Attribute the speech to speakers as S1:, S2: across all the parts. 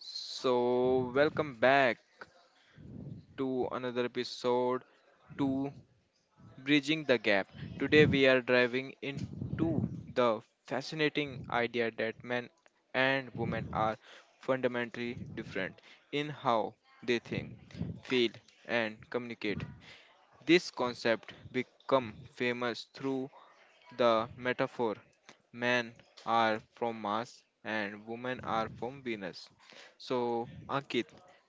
S1: So, welcome back to another episode to Bridging the Gap. Today we are driving into the fascinating idea that men and women are fundamentally different in how they think, feel and communicate. This concept become famous through the metaphor men are from Mars and women are from Venus. So, Ankit,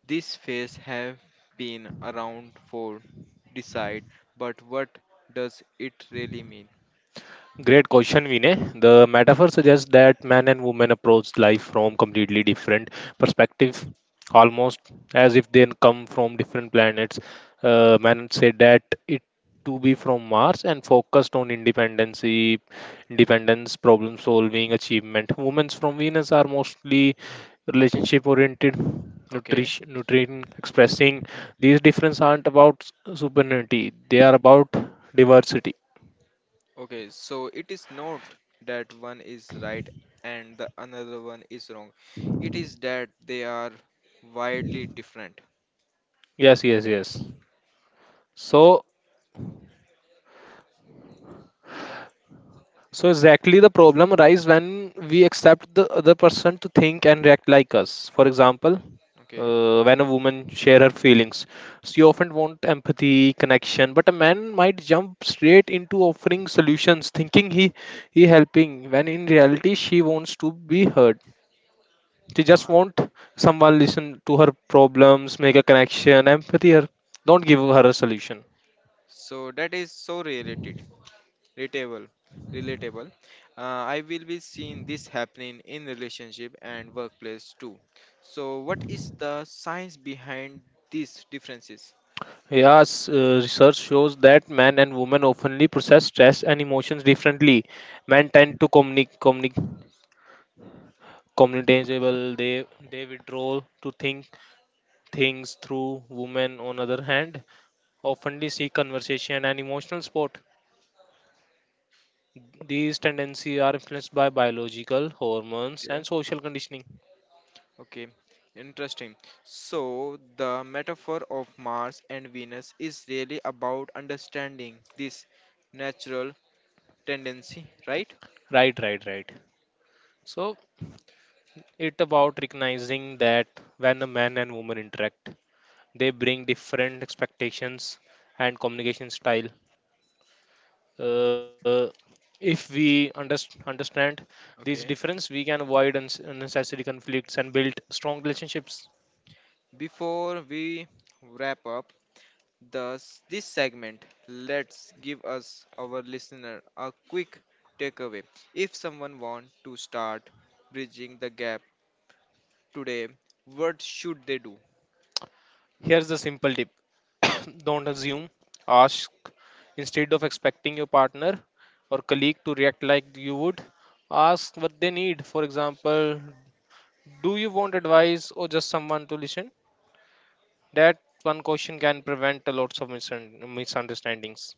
S1: these phase have been around for decide, but what does it really mean?
S2: Great question, Vinay. The metaphor suggests that man and woman approach life from completely different perspective, almost as if they come from different planets. Man said that it to be from Mars and focused on independence, problem solving, achievement. Women from Venus are mostly relationship oriented,
S1: Okay,
S2: nutrient expressing. These differences aren't about superiority; they are about diversity.
S1: okay, so it is not that one is right and the another one is wrong. It is that they are widely different.
S2: Yes, yes, yes. So, so exactly the problem arises when we accept the other person to think and react like us. For example,
S1: Okay,
S2: when a woman share her feelings, she often want empathy, connection, but a man might jump straight into offering solutions, thinking he helping, when in reality she wants to be heard. She just
S1: uh,
S2: want someone listen to her problems, make a connection, empathy her, don't give her a solution.
S1: so that is so related. relatable relatable, I will be seeing this happening in relationship and workplace too. So what is the science behind these differences?
S2: Yes, research shows that men and women oftenly process stress and emotions differently. Men tend to communicable. They withdraw to think things through. Women, on other hand, oftenly seek conversation and emotional support. These tendencies are influenced by biological hormones
S1: Okay,
S2: and social conditioning.
S1: okay, interesting. So the metaphor of Mars and Venus is really about understanding this natural tendency, right?
S2: Right, right, right. So it about recognizing that when a man and woman interact, they bring different expectations and communication style. Uh, if we understand these
S1: Okay,
S2: difference, we can avoid unnecessary conflicts and build strong relationships.
S1: before we wrap up. Thus, this segment, let's give us our listener a quick takeaway. If someone wants to start bridging the gap today, what should they do?
S2: Here's the simple tip: don't assume, ask. Instead of expecting your partner or colleague to react like you would, ask what they need. For example, do you want advice or just someone to listen? That one question can prevent a lots of misunderstandings.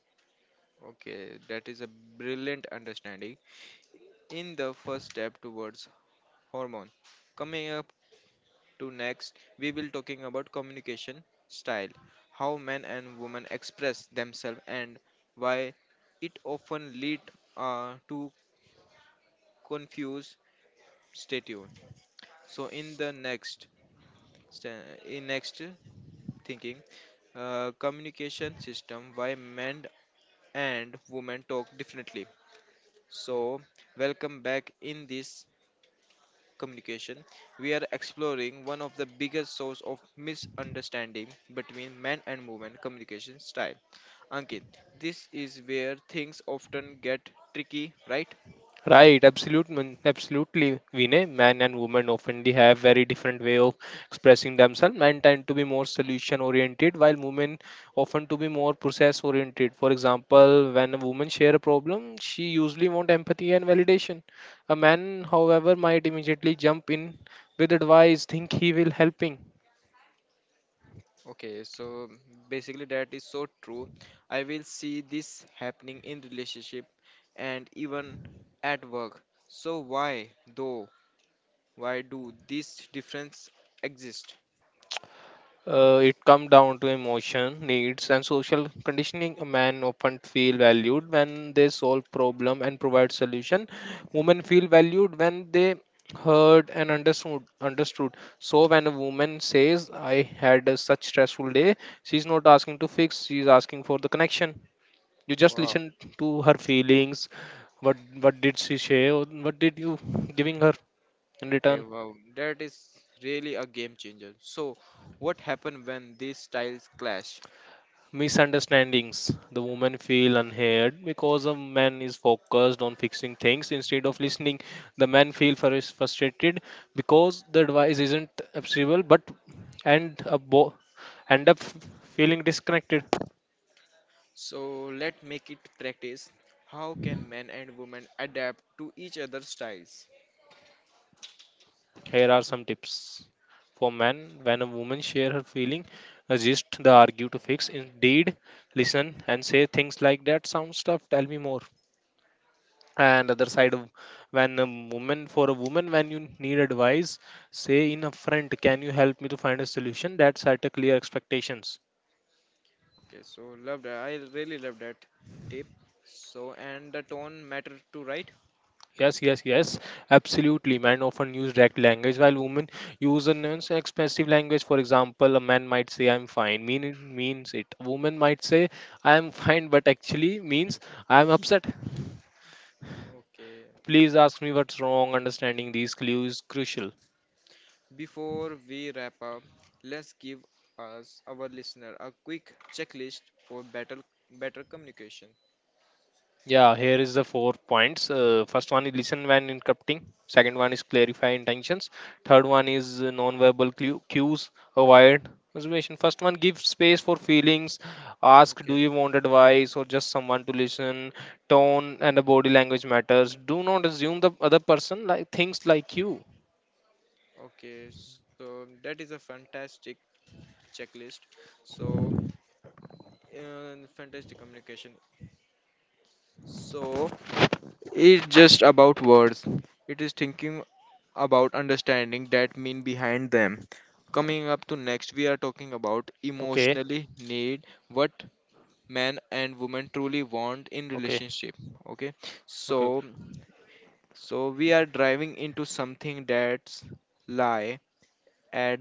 S1: Okay, that is a brilliant understanding. In the first step towards hormone. Coming up to next, we will talking about communication style, how men and women express themselves and why it often lead to confuse. Stay tuned. So in the next in next thinking, communication system, why men and women talk differently. So welcome back. In this communication, we are exploring one of the biggest source of misunderstanding between men and women, communication style. Ankit, this is where things often get tricky, right?
S2: Right, absolutely, Vinay. Men and women often they have very different way of expressing themselves. Men tend to be more solution oriented, while women often to be more process oriented. For example, when a woman share a problem, she usually want empathy and validation. A man, however, might immediately jump in with advice, think he will helping.
S1: Okay, so basically that is so true. I will see this happening in relationship and even at work. So why though? Why do these difference exist?
S2: It comes down to emotion, needs, and social conditioning. A man often feel valued when they solve problem and provide solution. Women feel valued when they heard and understood. Understood. So when a woman says, "I had a such stressful day," she's not asking to fix. She's asking for the connection. You just
S1: Wow.
S2: listen to her feelings. What did she say? Or what did you giving her in
S1: Okay,
S2: return?
S1: wow. That is really a game changer. So what happen when these styles clash?
S2: Misunderstandings. The woman feel unheard because a man is focused on fixing things instead of listening. The man feel frustrated because the advice isn't acceptable, but and a bo- end up feeling disconnected.
S1: So let make it practice. How can men and women adapt to each other's styles?
S2: Here are some tips for men. When a woman share her feeling, resist the argue to fix. Indeed, listen and say things like that. Sounds tough. Tell me more. And other side
S1: Okay.
S2: of, when a woman, for a woman, when you need advice, say in upfront, can you help me to find a solution? That set a clear expectations.
S1: Okay, so love that. I really love that tip. So, and the tone matter too, right?
S2: Yes, yes, yes. Absolutely, men often use direct language while women use a non-expressive language. For example, a man might say I'm fine mean it, means it. A woman might say I'm fine but actually means I'm upset.
S1: Okay.
S2: Please ask me what's wrong. Understanding these clues is crucial.
S1: Before we wrap up, let's give us our listener a quick checklist for better communication.
S2: Yeah, here is the 4 points. First one is listen when interrupting. Second one is clarify intentions. Third one is non-verbal cues, avoid observation. First one, give space for feelings. Ask, do
S1: Okay.
S2: you want advice or just someone to listen? Tone and the body language matters. Do not assume the other person like thinks like you.
S1: Okay. So that is a fantastic checklist. So, fantastic communication. So it's just about words. It is thinking about understanding that mean behind them. Coming up to next, we are talking about
S2: Okay,
S1: emotionally need what men and women truly want in
S2: okay,
S1: relationship. Okay,
S2: okay.
S1: so so we are driving into something that's lie at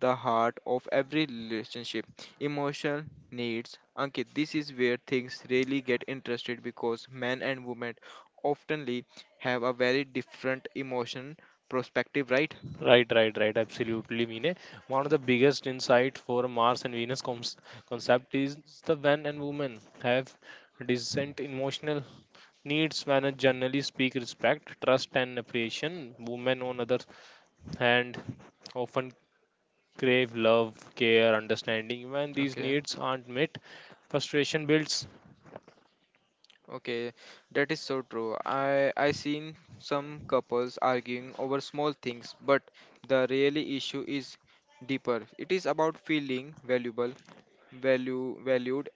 S1: the heart of every relationship, emotional needs. Ankit, this is where things really get interested because men and women oftenly have a very different emotion perspective, right?
S2: Right, right, right. Absolutely, Mine. One of the biggest insight for Mars and Venus concept is the men and women have decent emotional needs. When a generally speak, respect, trust, and appreciation. Women, on other hand, often crave love, care, understanding. When these
S1: Okay,
S2: needs aren't met, frustration builds.
S1: okay, that is so true. I seen some couples arguing over small things, but the really issue is deeper. It is about feeling valuable, value, valued,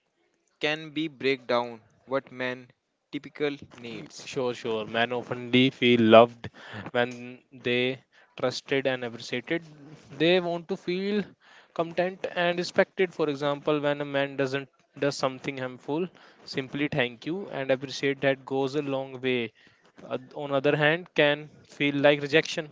S1: can be break down what men typical needs.
S2: Sure, sure. Men oftenly feel loved when they trusted and appreciated. They want to feel content and respected. For example, when a man doesn't does something harmful, simply thank you and appreciate that goes a long way. On other hand, can feel like rejection.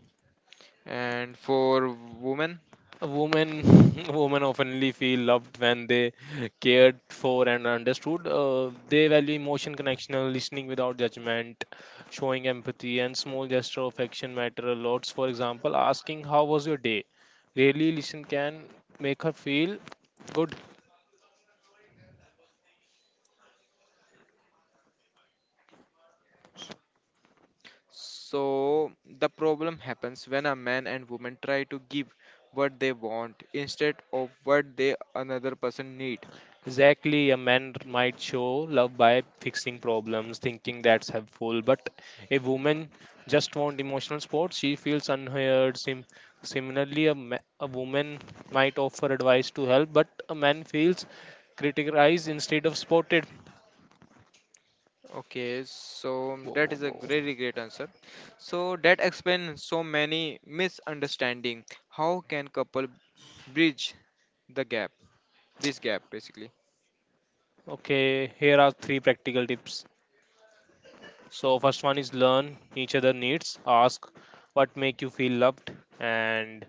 S1: And for women,
S2: Women, women oftenly feel loved when they cared for and understood. They value emotion connection, and listening without judgment, showing empathy, and small gesture of action matter a lot. For example, asking how was your day, really listen can make her feel good.
S1: so the problem happens when a man and woman try to give what they want instead of what they another person need.
S2: Exactly, a man might show love by fixing problems, thinking that's helpful, but a woman just wants emotional support. She feels unheard. Similarly, a woman might offer advice to help, but a man feels criticized instead of supported.
S1: Okay, so
S2: Whoa,
S1: that
S2: whoa,
S1: is a
S2: whoa.
S1: very great answer. So that explains so many misunderstanding. How can couple bridge the gap, this gap basically?
S2: Okay, here are three practical tips. So, first one is learn each other needs. Ask what make you feel loved, and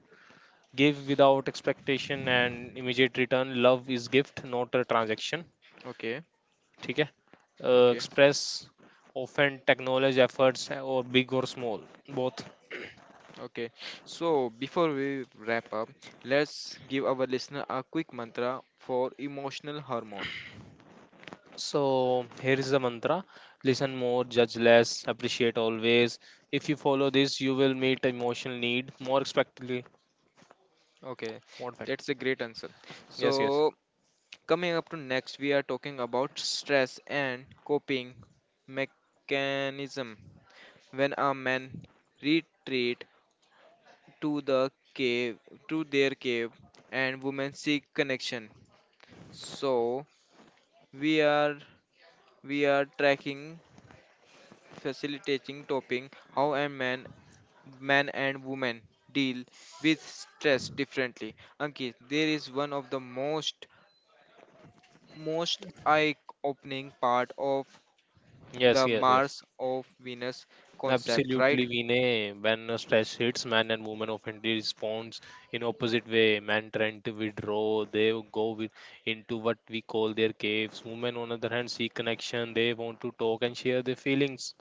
S2: give without expectation and immediate return. Love is gift, not a transaction.
S1: Okay,
S2: ठीक है.
S1: okay.
S2: Express often, acknowledge efforts, or big or small, both.
S1: Okay, so before we wrap up, let's give our listener a quick mantra for emotional hormone.
S2: So here is the mantra: listen more, judge less, appreciate always. If you follow this you will meet emotional need more expectantly,
S1: Okay,
S2: more effectively.
S1: that's a great answer.
S2: Yes, yes,
S1: So, coming up to next, we are talking about stress and coping mechanism. When a man retreat to the cave, to their cave, and women seek connection. So, we are we are tracking facilitating topping how a man men and women deal with stress differently. Ankit, there is one of the most eye-opening part of
S2: yes,
S1: the
S2: yes, yes.
S1: Mars of Venus concept, right?
S2: Absolutely, Vinay. When stress hits, men and women often responds in opposite way. Men tend to withdraw; they go with, into what we call their caves. Women, on the other hand, seek connection. They want to talk and share their feelings.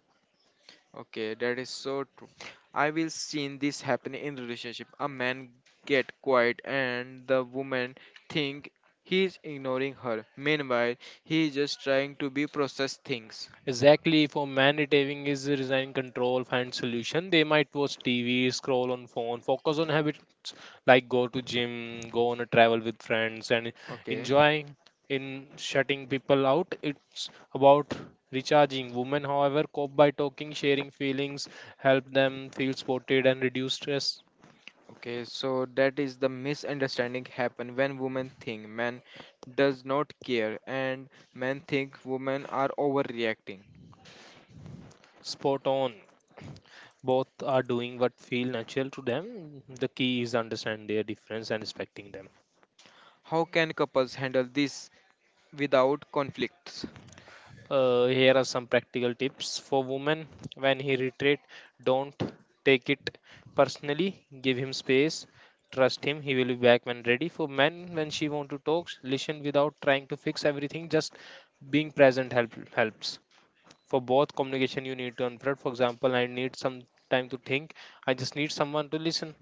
S1: Okay, that is so true. I will seen this happen in relationship. A man get quiet and the woman think he is ignoring her. Meanwhile, he is just trying to be process things.
S2: Exactly, for man, retailing is resign control, find solution. They might watch TV, scroll on phone, focus on habits like go to gym, go on a travel with friends, and
S1: Okay.
S2: enjoying in shutting people out. It's about recharging. Women, however, cope by talking, sharing feelings, help them feel supported and reduce stress.
S1: Okay, so that is the misunderstanding happen when women think men does not care and men think women are overreacting.
S2: Spot on. Both are doing what feel natural to them. The key is understand their difference and respecting them.
S1: How can couples handle this without conflicts?
S2: Here are some practical tips for women. When he retreat, don't take it personally, give him space, trust him, he will be back when ready. For men, when she want to talk, listen without trying to fix everything. Just being present helps. For both, communication, you need to unfold. For example, I need some time to think. I just need someone to listen.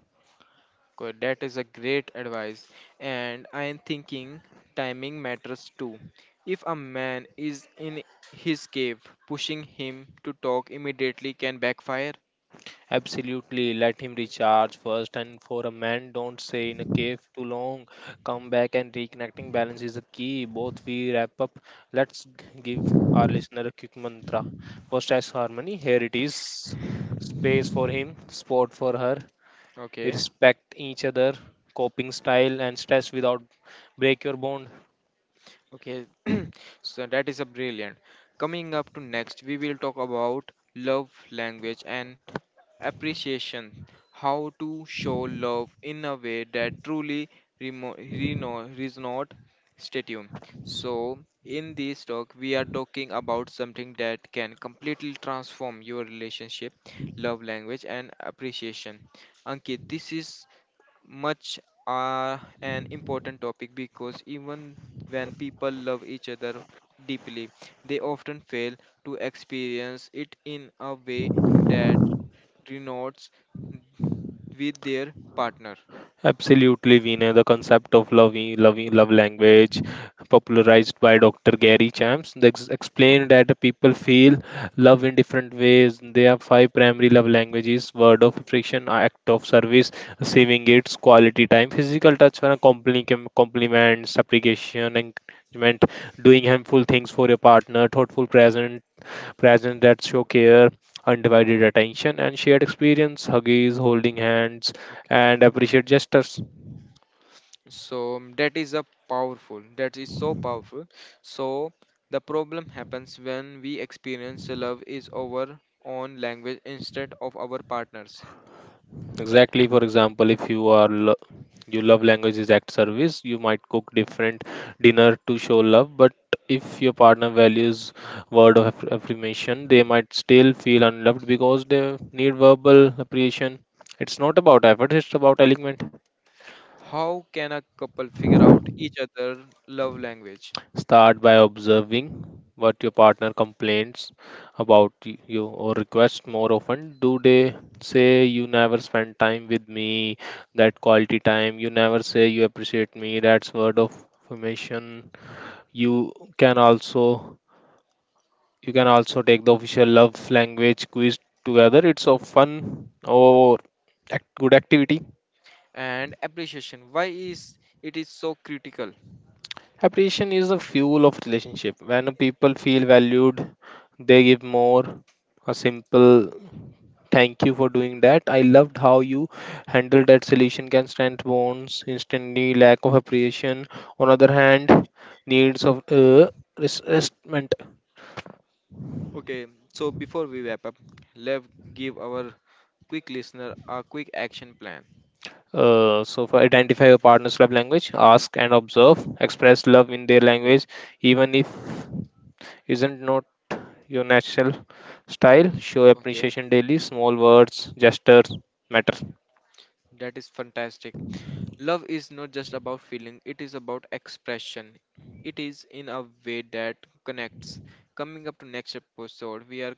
S1: Okay, that is a great advice and I am thinking timing matters too. If a man is in his cave, pushing him to talk immediately can backfire.
S2: Absolutely, let him recharge first. And for a man, don't stay in a cave too long. Come back and reconnecting, balance is the key. Both we wrap up. Let's give our listener a quick mantra for stress harmony. Here it is: space for him, sport for her,
S1: Okay.
S2: respect each other, coping style, and stress without break your bond.
S1: Okay, so that is a brilliant. Coming up to next, we will talk about love language and appreciation. How to show love in a way that truly resonates. Stay tuned. So, in this talk, we are talking about something that can completely transform your relationship, love language, and appreciation. Ankit, this is much are an important topic because even when people love each other deeply, they often fail to experience it in a way that resonates with their partner.
S2: Absolutely, Veena. The concept of love language, popularized by Dr. Gary Champs, they explained that people feel love in different ways. There are five primary love languages: word of affection, act of service, saving gifts, quality time, physical touch, and a compliments, appreciation, encouragement, doing harmful things for your partner, thoughtful present, presence that show care, undivided attention, and shared experience, huggies, holding hands,
S1: Okay.
S2: and appreciate gestures.
S1: So that is a powerful, that is so powerful. So the problem happens when we experience love is our own language instead of our partners.
S2: Exactly, for example, if you are you love languages act service, you might cook different dinner to show love, but if your partner values word of affirmation, they might still feel unloved because they need verbal appreciation. It's not about effort, it's about alignment.
S1: How can a couple figure out each other love language?
S2: Start by observing what your partner complains about you or requests more often. Do they say you never spend time with me, that quality time? You never say you appreciate me. That's word of affirmation. You can also you can also take the official love language quiz together. It's a fun or good activity.
S1: And appreciation? Why is it is so critical?
S2: Appreciation is the fuel of relationship. When people feel valued, they give more. A simple thank you for doing that. I loved how you handled that solution can strengthen bonds instantly. Lack of appreciation, on other hand, needs of resentment.
S1: Okay, so before we wrap up, let's give our quick listener a quick action plan.
S2: For identify your partner's love language, ask and observe, express love in their
S1: Okay,
S2: language, even if isn't not your natural style. Show
S1: okay,
S2: appreciation daily. Small words, gestures matter.
S1: that is fantastic. Love is not just about feeling; it is about expression. It is in a way that connects. Coming up to next episode, we are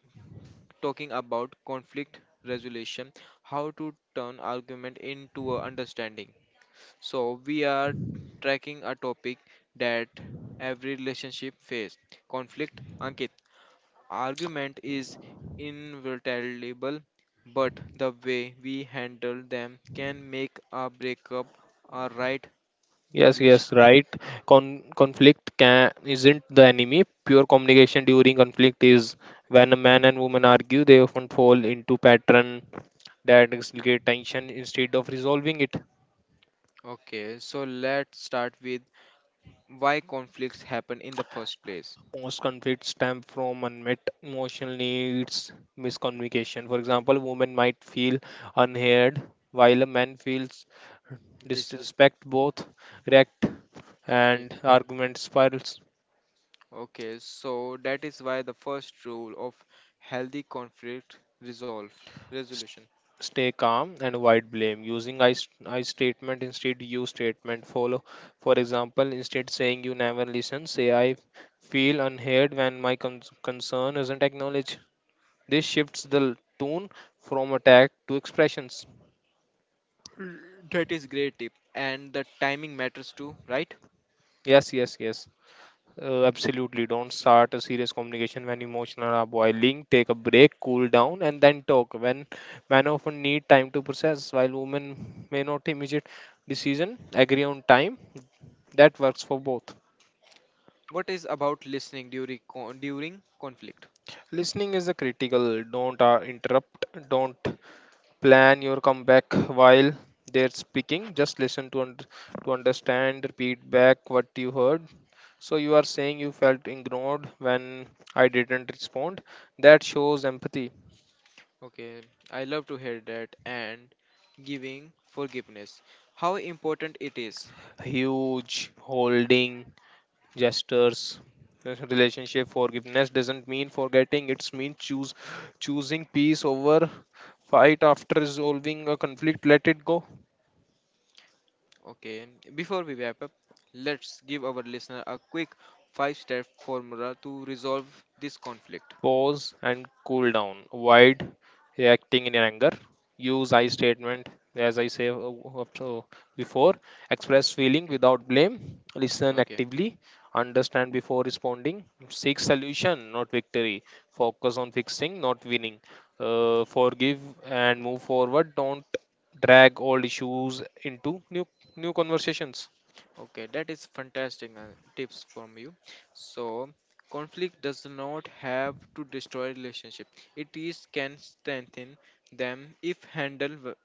S1: talking about conflict resolution, how to turn argument into a understanding. So we are tracking a topic that every relationship face, conflict. Ankit, argument is inevitable, but the way we handle them can make a breakup a right
S2: Yes,
S1: relationship.
S2: yes, right. Conflict can isn't the enemy. Pure communication during conflict is when a man and woman argue, they often fall into pattern that escalate tension instead of resolving it.
S1: Okay, so let's start with why conflicts happen in the first place.
S2: Most conflicts stem from unmet emotional needs, miscommunication. For example, women might feel unheard, while a man feels
S1: Disrespect.
S2: disrespect. Both react and arguments spirals.
S1: Okay, so that is why the first rule of healthy conflict resolve
S2: S-
S1: resolution.
S2: Stay calm and avoid blame. Using I statement instead you statement follow. For example, instead saying you never listen, say I feel unheard when my concern isn't acknowledged. This shifts the tone from attack to expressions.
S1: Mm, that is great tip, and the timing matters too, right?
S2: Yes, yes, yes. Absolutely. Don't start a serious communication when emotional are boiling. Take a break, cool down, and then talk. When men often need time to process, while women may not immediate decision. Agree on time. That works for both.
S1: What is about listening during conflict?
S2: Listening is a critical. Don't interrupt. Don't plan your comeback while they're speaking. Just listen to to understand. Repeat back what you heard. So you are saying you felt ignored when I didn't respond. That shows empathy.
S1: Okay, I love to hear that and giving forgiveness. How important it is.
S2: Huge holding gestures. Yes, relationship forgiveness doesn't mean forgetting. It's mean choose choosing peace over fight. After resolving a conflict, let it go.
S1: Okay, before we wrap up, let's give our listener a quick five-step formula to resolve this conflict.
S2: Pause and cool down. Avoid reacting in anger. Use I statement, as I say up- uh, before. Express feeling
S1: Okay.
S2: without blame. Listen
S1: Okay.
S2: actively. Understand before responding. Seek solution, not victory. Focus on fixing, not winning. Forgive and move forward. Don't drag old issues into new conversations.
S1: Okay, that is fantastic tips from you. So, conflict does not have to destroy relationship. It is can strengthen them if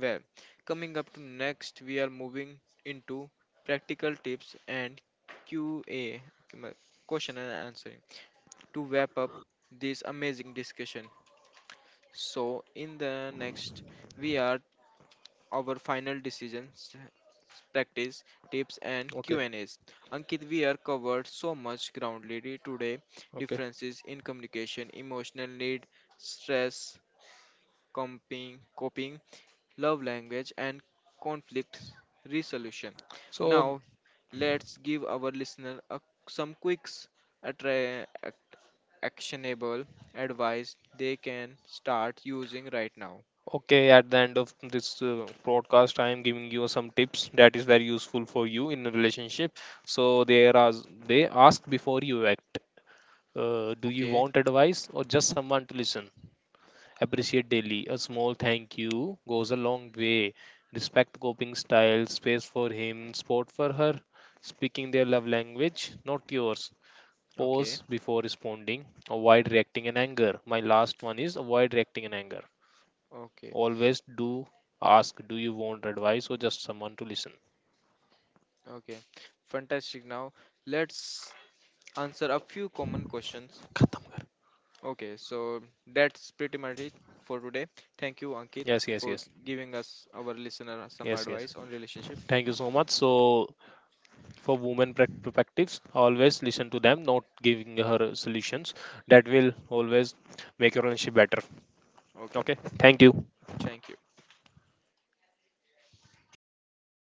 S1: well. Coming up to next, we are moving into practical tips and QA, um, question and answering, to wrap up this amazing discussion. So, in the next, we are our final decisions, practice, tips and
S2: Okay.
S1: Q&As. Ankit, we are covered so much ground lady today.
S2: Okay.
S1: Differences in communication, emotional need, stress, coping, love language and conflict resolution.
S2: So
S1: Now, let's give our listener a, some quick attra- ac- actionable advice they can start using right now.
S2: okay, at the end of this podcast, I am giving you some tips that is very useful for you in a relationship. So there are, they ask before you act. Do you
S1: Okay,
S2: want advice or just someone to listen? Appreciate daily. A small thank you goes a long way. Respect coping style, space for him, sport for her, speaking their love language, not yours.
S1: okay,
S2: Pause before responding. Avoid reacting in anger. My last one is avoid reacting in anger.
S1: okay.
S2: Always do ask, do you want advice or just someone to listen?
S1: Okay, fantastic. Now let's answer a few common questions.
S2: खत्म कर.
S1: Okay, so that's pretty much it for today. Thank you, Ankit,
S2: Yes, yes,
S1: for
S2: yes,
S1: giving us our listener some
S2: yes, yes,
S1: advice on relationship.
S2: thank you so much. So for women perspectives, always listen to them, not giving her solutions. That will always make your relationship better.
S1: Okay,
S2: Okay, thank you.
S1: thank you.